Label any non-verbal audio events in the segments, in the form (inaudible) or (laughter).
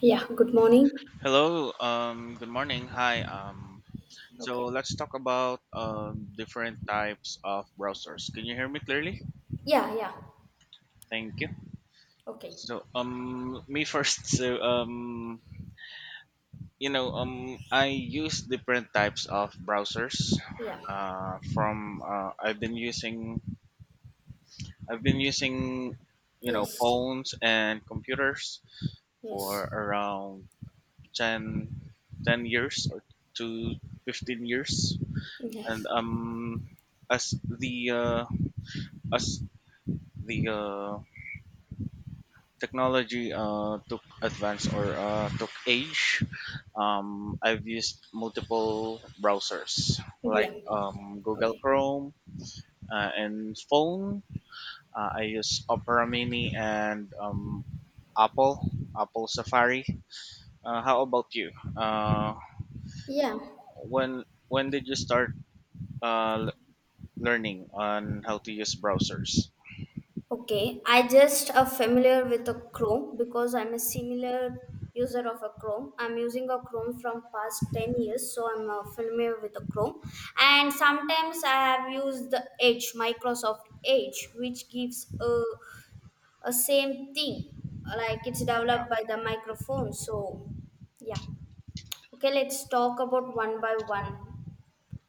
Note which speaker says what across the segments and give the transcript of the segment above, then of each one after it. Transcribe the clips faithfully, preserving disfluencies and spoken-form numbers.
Speaker 1: Yeah, good morning.
Speaker 2: Hello, um, good morning. Hi, um, so
Speaker 1: Okay.
Speaker 2: let's talk about um, different types of browsers. Can you hear me clearly?
Speaker 1: Yeah, yeah.
Speaker 2: Thank you.
Speaker 1: Okay.
Speaker 2: So, um, me first. (laughs) So, um, you know, um, I use different types of browsers.
Speaker 1: Yeah.
Speaker 2: Uh, from uh, I've been using I've been using you know
Speaker 1: Yes.
Speaker 2: phones and computers for
Speaker 1: Yes.
Speaker 2: around ten ten years or to fifteen years, and
Speaker 1: Yes.
Speaker 2: um, as the uh, as the uh, technology uh, took advance or uh, took age, um, I've used multiple browsers like
Speaker 1: Yeah.
Speaker 2: um, Google
Speaker 1: Okay.
Speaker 2: Chrome uh, and phone. Uh, I use Opera Mini and um, Apple Apple Safari. Uh, how about you? Uh,
Speaker 1: Yeah.
Speaker 2: when when did you start uh, l- learning on how to use browsers?
Speaker 1: Okay. I just a familiar with a Chrome because I'm a similar user of a Chrome. I'm using a Chrome from past ten years, so I'm uh, familiar with a Chrome. And sometimes I have used the Edge, Microsoft Edge, which gives a, a same thing. Like it's
Speaker 2: Yeah.
Speaker 1: developed by the microphone. So yeah. Okay, let's talk about one by one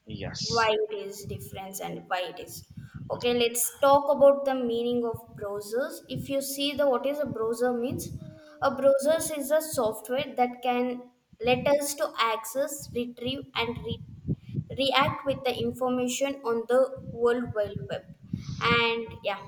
Speaker 2: Yes.
Speaker 1: why it is difference and why it is. Okay, let's talk about the meaning of browsers. If you see the what is a browser means, a browser is a software that can let us to access, retrieve, and re- react with the information on the World Wide Web. And yeah,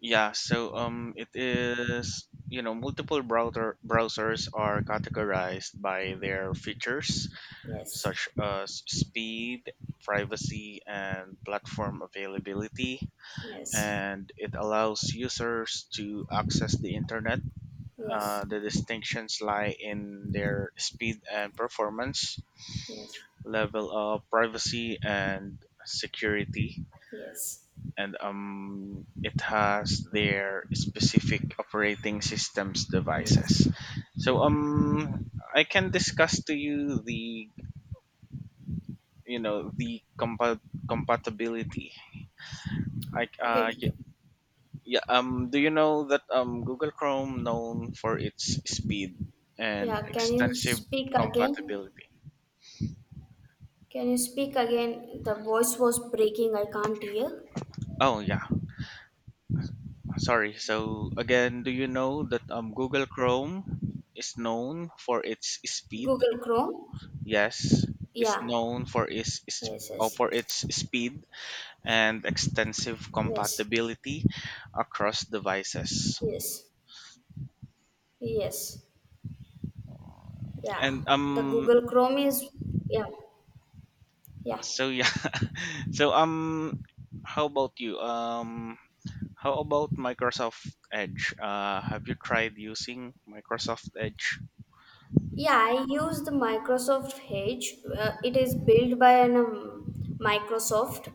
Speaker 2: Yeah, so um, it is you know multiple browser browsers are categorized by their features,
Speaker 1: yes,
Speaker 2: such as speed, privacy, and platform availability,
Speaker 1: yes,
Speaker 2: and it allows users to access the internet.
Speaker 1: yes,
Speaker 2: Uh, the distinctions lie in their speed and performance,
Speaker 1: yes,
Speaker 2: level of privacy and security,
Speaker 1: yes,
Speaker 2: and um, it has their specific operating systems devices.
Speaker 1: yes.
Speaker 2: So
Speaker 1: Mm-hmm.
Speaker 2: um, I can discuss to you the you know the compa- compatibility. I uh,
Speaker 1: Okay.
Speaker 2: y- yeah um, Do you know that um, Google Chrome known for its speed and
Speaker 1: Yeah, can you
Speaker 2: extensive
Speaker 1: speak again?
Speaker 2: compatibility?
Speaker 1: Can you speak again? The voice was breaking. I can't hear.
Speaker 2: Oh yeah, sorry. So again, do you know that um, Google Chrome is known for its speed?
Speaker 1: Google Chrome.
Speaker 2: Yes, is
Speaker 1: Yeah.
Speaker 2: known for its is-
Speaker 1: Yes,
Speaker 2: uh,
Speaker 1: yes,
Speaker 2: for its speed and extensive
Speaker 1: yes,
Speaker 2: compatibility across devices.
Speaker 1: yes, yes. Yeah.
Speaker 2: And
Speaker 1: The
Speaker 2: um
Speaker 1: Google Chrome is. Yeah, yeah,
Speaker 2: so yeah. (laughs) So um how about you? Um how about Microsoft Edge? Uh have you tried using Microsoft Edge?
Speaker 1: yeah. I use the Microsoft Edge. Uh, it is built by an um, Microsoft,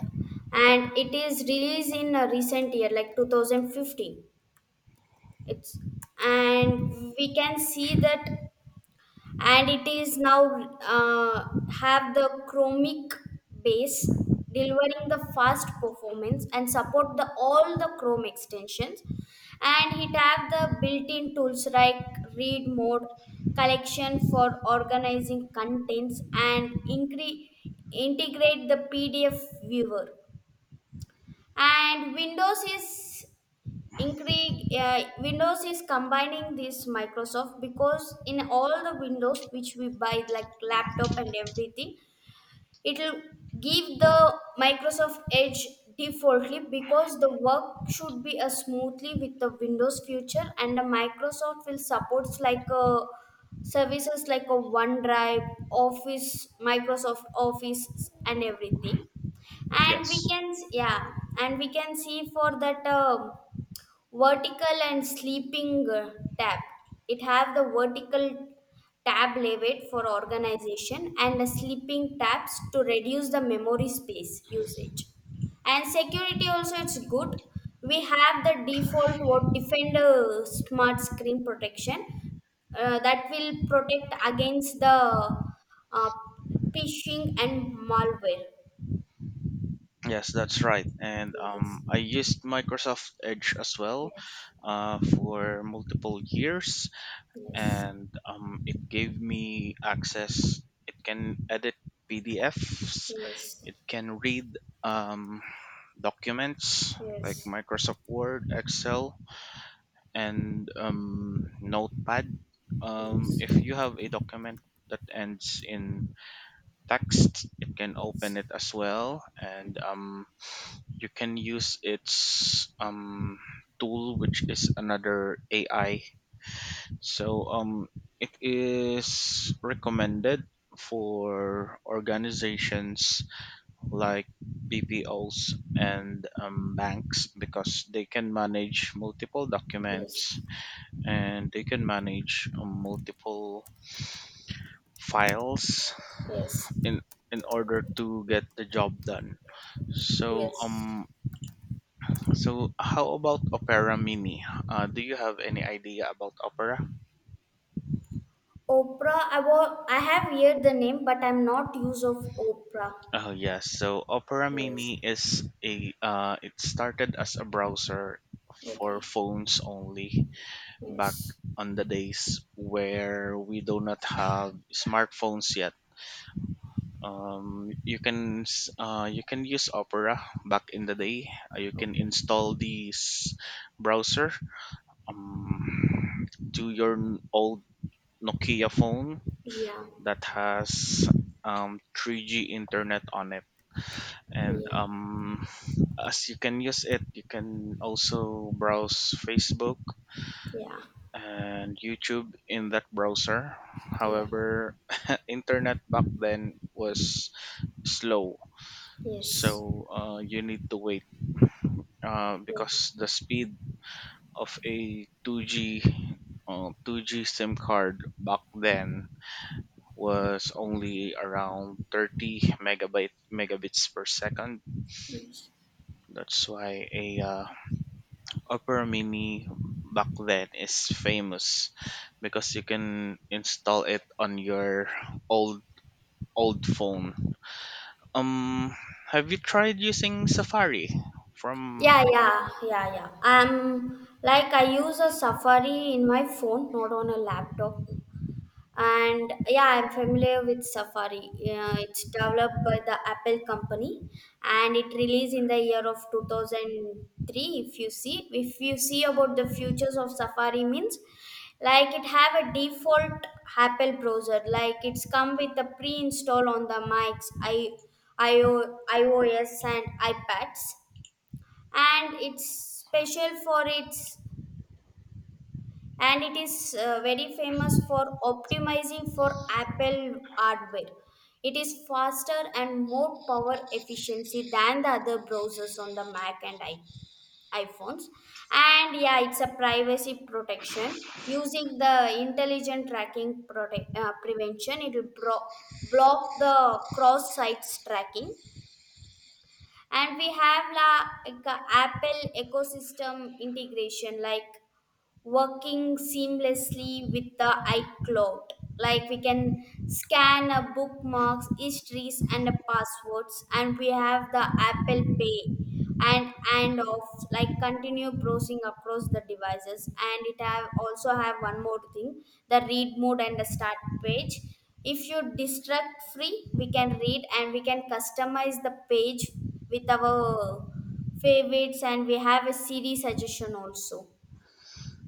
Speaker 1: and it is released in a recent year, like two thousand fifteen. It's and we can see that and it is now uh, have the chromic base delivering the fast performance and support the all the chrome extensions, and it have the built-in tools like read mode, collection for organizing contents, and incre- integrate the pdf viewer and windows is increase. uh, Windows is combining this Microsoft because in all the Windows which we buy, like laptop and everything, it'll give the Microsoft Edge defaultly because the work should be uh, smoothly with the Windows future, and the Microsoft will supports like uh, services like a OneDrive, Office, Microsoft Office, and everything, and we
Speaker 2: Yes.
Speaker 1: can yeah and we can see for that um vertical and sleeping uh, tab, it have the vertical tab layout for organization and the sleeping tabs to reduce the memory space usage. And security also it's good. We have the default what defender smart screen protection uh, that will protect against the uh, phishing and malware.
Speaker 2: Yes, that's right. And
Speaker 1: Yes,
Speaker 2: um I used Microsoft Edge as well
Speaker 1: yes,
Speaker 2: uh for multiple years,
Speaker 1: yes,
Speaker 2: and um, it gave me access. It can edit P D Fs.
Speaker 1: yes,
Speaker 2: It can read um, documents like
Speaker 1: yes,
Speaker 2: Microsoft Word, Excel, and um, Notepad. Um,
Speaker 1: yes.
Speaker 2: if you have a document that ends in text, it can open
Speaker 1: Yes,
Speaker 2: it as well, and um, you can use its um, tool, which is another A I. So um, it is recommended for organizations like B P Os and um, banks, because they can manage multiple documents
Speaker 1: yes,
Speaker 2: and they can manage um, multiple files
Speaker 1: yes,
Speaker 2: in in order to get the job done. So
Speaker 1: yes.
Speaker 2: um, so how about Opera Mini? Uh, do you have any idea about Opera?
Speaker 1: Oprah, I, wa- I have heard the name, but I'm not use of Oprah.
Speaker 2: Oh yes, so Opera
Speaker 1: Yes,
Speaker 2: Mini is a uh, it started as a browser for
Speaker 1: okay,
Speaker 2: phones only back
Speaker 1: yes,
Speaker 2: on the days where we do not have smartphones yet. Um, you can s- uh, you can use Opera back in the day. Uh, you can
Speaker 1: okay.
Speaker 2: install this browser um, to your n- old Nokia phone
Speaker 1: Yeah,
Speaker 2: that has um, three G internet on it, and
Speaker 1: yeah,
Speaker 2: um, as you can use it, you can also browse Facebook
Speaker 1: yeah,
Speaker 2: and YouTube in that browser.
Speaker 1: yeah,
Speaker 2: However, internet back then was slow,
Speaker 1: yes.
Speaker 2: so uh, you need to wait uh,
Speaker 1: Oh,
Speaker 2: because the speed of a two G uh, two G SIM card back then was only around thirty megabyte megabits per second.
Speaker 1: yes.
Speaker 2: That's why a uh, Opera Mini back then is famous, because you can install it on your old old phone. Um, have you tried using Safari?
Speaker 1: Yeah,
Speaker 2: From
Speaker 1: yeah, yeah, yeah. Um, like I use a Safari in my phone, not on a laptop. And yeah, I'm familiar with Safari. Yeah, it's developed by the Apple company and it released in the year of two thousand three. If you see if you see about the futures of Safari means, like it have a default Apple browser, like it's come with the pre-install on the Macs, I iO, iOS and iPads, and it's special for its and it is uh, very famous for optimizing for Apple hardware. It is faster and more power efficiency than the other browsers on the Mac and i- iPhones. And yeah, it's a privacy protection using the intelligent tracking protect, uh, prevention. It will bro- block the cross sites tracking. And we have la, like, a Apple ecosystem integration, like working seamlessly with the iCloud. Like we can scan a bookmarks, histories, and a passwords, and we have the Apple Pay and and off like continue browsing across the devices, and it have also have one more thing, the read mode and the start page. If you distract free we can read, and we can customize the page with our favorites, and we have a series suggestion also,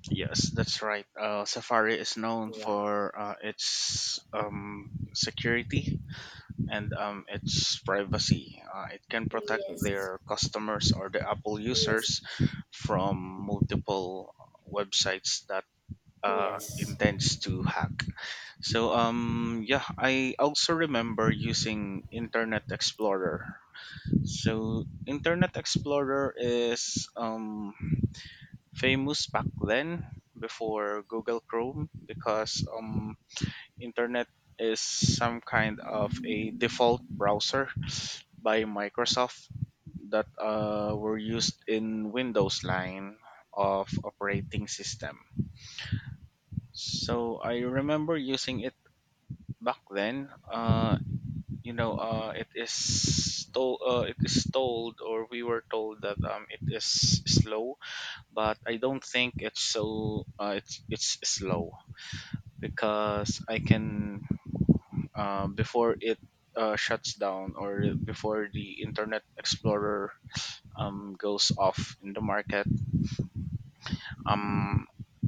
Speaker 2: Yes, that's right. Uh, Safari is known
Speaker 1: yeah.
Speaker 2: for uh, its um, security and um, its privacy. Uh, it can protect
Speaker 1: Yes,
Speaker 2: their customers or the Apple
Speaker 1: yes,
Speaker 2: users from multiple websites that uh,
Speaker 1: yes,
Speaker 2: intends to hack. So um yeah, I also remember using Internet Explorer. So Internet Explorer is um famous back then before Google Chrome, because um internet is some kind of a default browser by Microsoft that uh, were used in Windows line of operating system. So I remember using it back then. Uh, you know uh, it is told uh, it is told, or we were told that um, it is slow, but I don't think it's so uh, it's it's slow. Because I can uh, before it uh, shuts down, or before the Internet Explorer um, goes off in the market, um,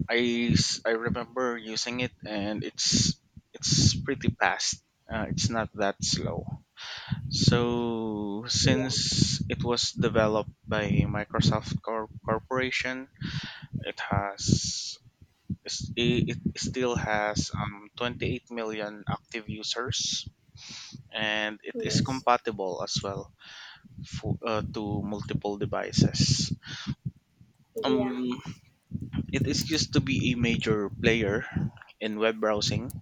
Speaker 2: I, s- I remember using it, and it's it's pretty fast. Uh, it's not that slow. So,
Speaker 1: yeah,
Speaker 2: since it was developed by Microsoft Cor- Corporation, it has is- it it still has um, twenty-eight million active users, and it is
Speaker 1: yes,
Speaker 2: compatible as well for, uh, to multiple devices.
Speaker 1: yeah,
Speaker 2: Um, it is used to be a major player in web browsing,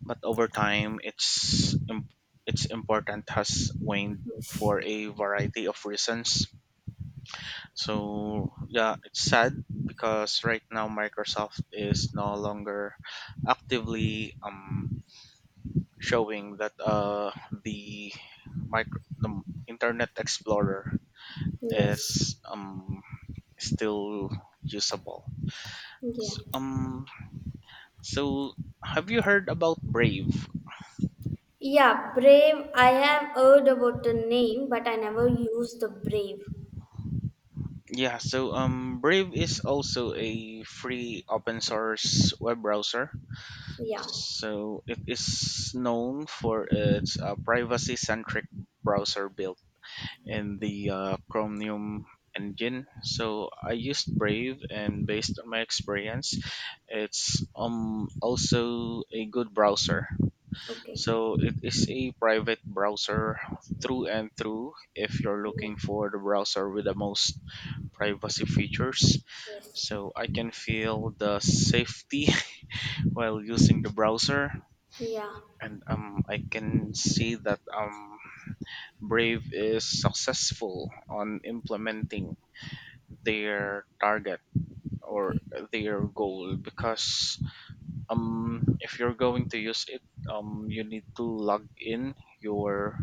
Speaker 2: but over time, its im- its importance has waned for a variety of reasons. So yeah, it's sad, because right now Microsoft is no longer actively um, showing that uh, the micro the Internet Explorer
Speaker 1: yes,
Speaker 2: is um, still usable.
Speaker 1: yeah.
Speaker 2: S- um, so, have you heard about Brave?
Speaker 1: Yeah, brave. I have heard about the name, but I never used the brave.
Speaker 2: Yeah, so um, Brave is also a free open source web browser.
Speaker 1: Yeah,
Speaker 2: So it is known for its uh, privacy-centric browser built in the uh, Chromium engine. So I used Brave, and based on my experience, it's um also a good browser.
Speaker 1: okay.
Speaker 2: So it is a private browser through and through. If you're
Speaker 1: Yeah,
Speaker 2: looking for the browser with the most privacy features,
Speaker 1: yes,
Speaker 2: so I can feel the safety (laughs) while using the browser,
Speaker 1: yeah,
Speaker 2: and um, I can see that um, Brave is successful on implementing their target or
Speaker 1: okay,
Speaker 2: their goal. Because um, if you're going to use it, um, you need to log in your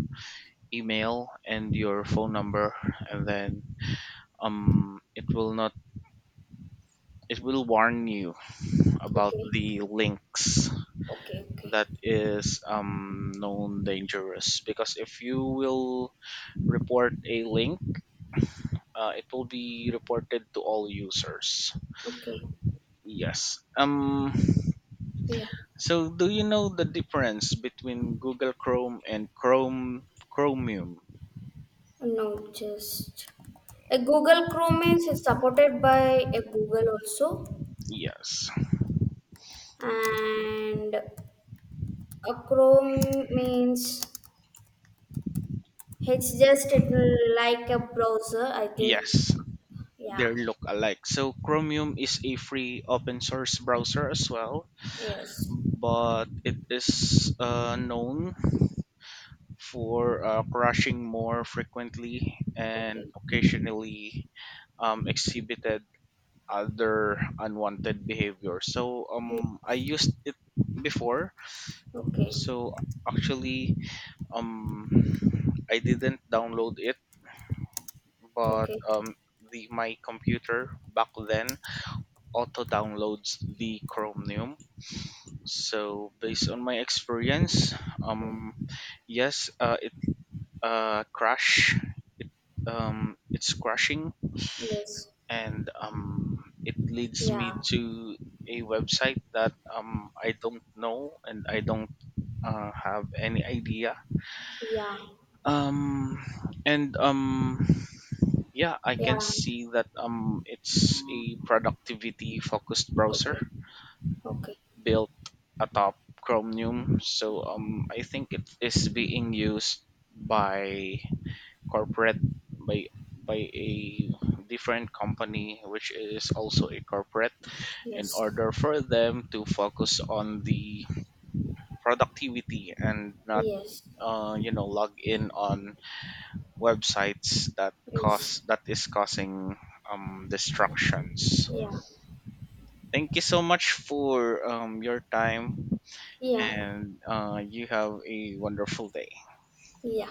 Speaker 2: email and your phone number, and then um, it will not it will warn you about
Speaker 1: okay,
Speaker 2: the links
Speaker 1: okay, okay,
Speaker 2: that is um, known dangerous, because if you will report a link, uh, it will be reported to all users.
Speaker 1: okay,
Speaker 2: Yes. Um.
Speaker 1: yeah.
Speaker 2: So, do you know the difference between Google Chrome and Chrome Chromium?
Speaker 1: No, just a Google Chrome is supported by a Google also,
Speaker 2: Yes.
Speaker 1: and a Chrome means it's just it will like a browser, I think.
Speaker 2: Yes.
Speaker 1: Yeah.
Speaker 2: They look alike. So, Chromium is a free open source browser as well,
Speaker 1: Yes.
Speaker 2: but it is uh, known for uh, crashing more frequently and
Speaker 1: Okay.
Speaker 2: occasionally um, exhibited other unwanted behavior. So
Speaker 1: Mm.
Speaker 2: um I used it before.
Speaker 1: Okay.
Speaker 2: So actually, um I didn't download it, but
Speaker 1: Okay.
Speaker 2: um the my computer back then auto downloads the Chromium. So based on my experience,
Speaker 1: Oh,
Speaker 2: um yes uh, it uh crash it um it's crashing,
Speaker 1: yes.
Speaker 2: and um, it leads me
Speaker 1: Yeah.
Speaker 2: to a website that um, I don't know and I don't uh, have any idea.
Speaker 1: Yeah.
Speaker 2: Um, and um, Yeah, I can
Speaker 1: Yeah.
Speaker 2: see that um, it's a productivity focused browser
Speaker 1: Okay. Okay.
Speaker 2: built atop Chromium. So um, I think it is being used by corporate, by by a different company which is also a corporate, in
Speaker 1: Yes.
Speaker 2: order for them to focus on the productivity and not
Speaker 1: Yes.
Speaker 2: uh, you know log in on websites that
Speaker 1: Yes.
Speaker 2: cause that is causing um, distractions.
Speaker 1: Yeah.
Speaker 2: Thank you so much for um, your time,
Speaker 1: Yeah.
Speaker 2: and uh, you have a wonderful day.
Speaker 1: Yeah.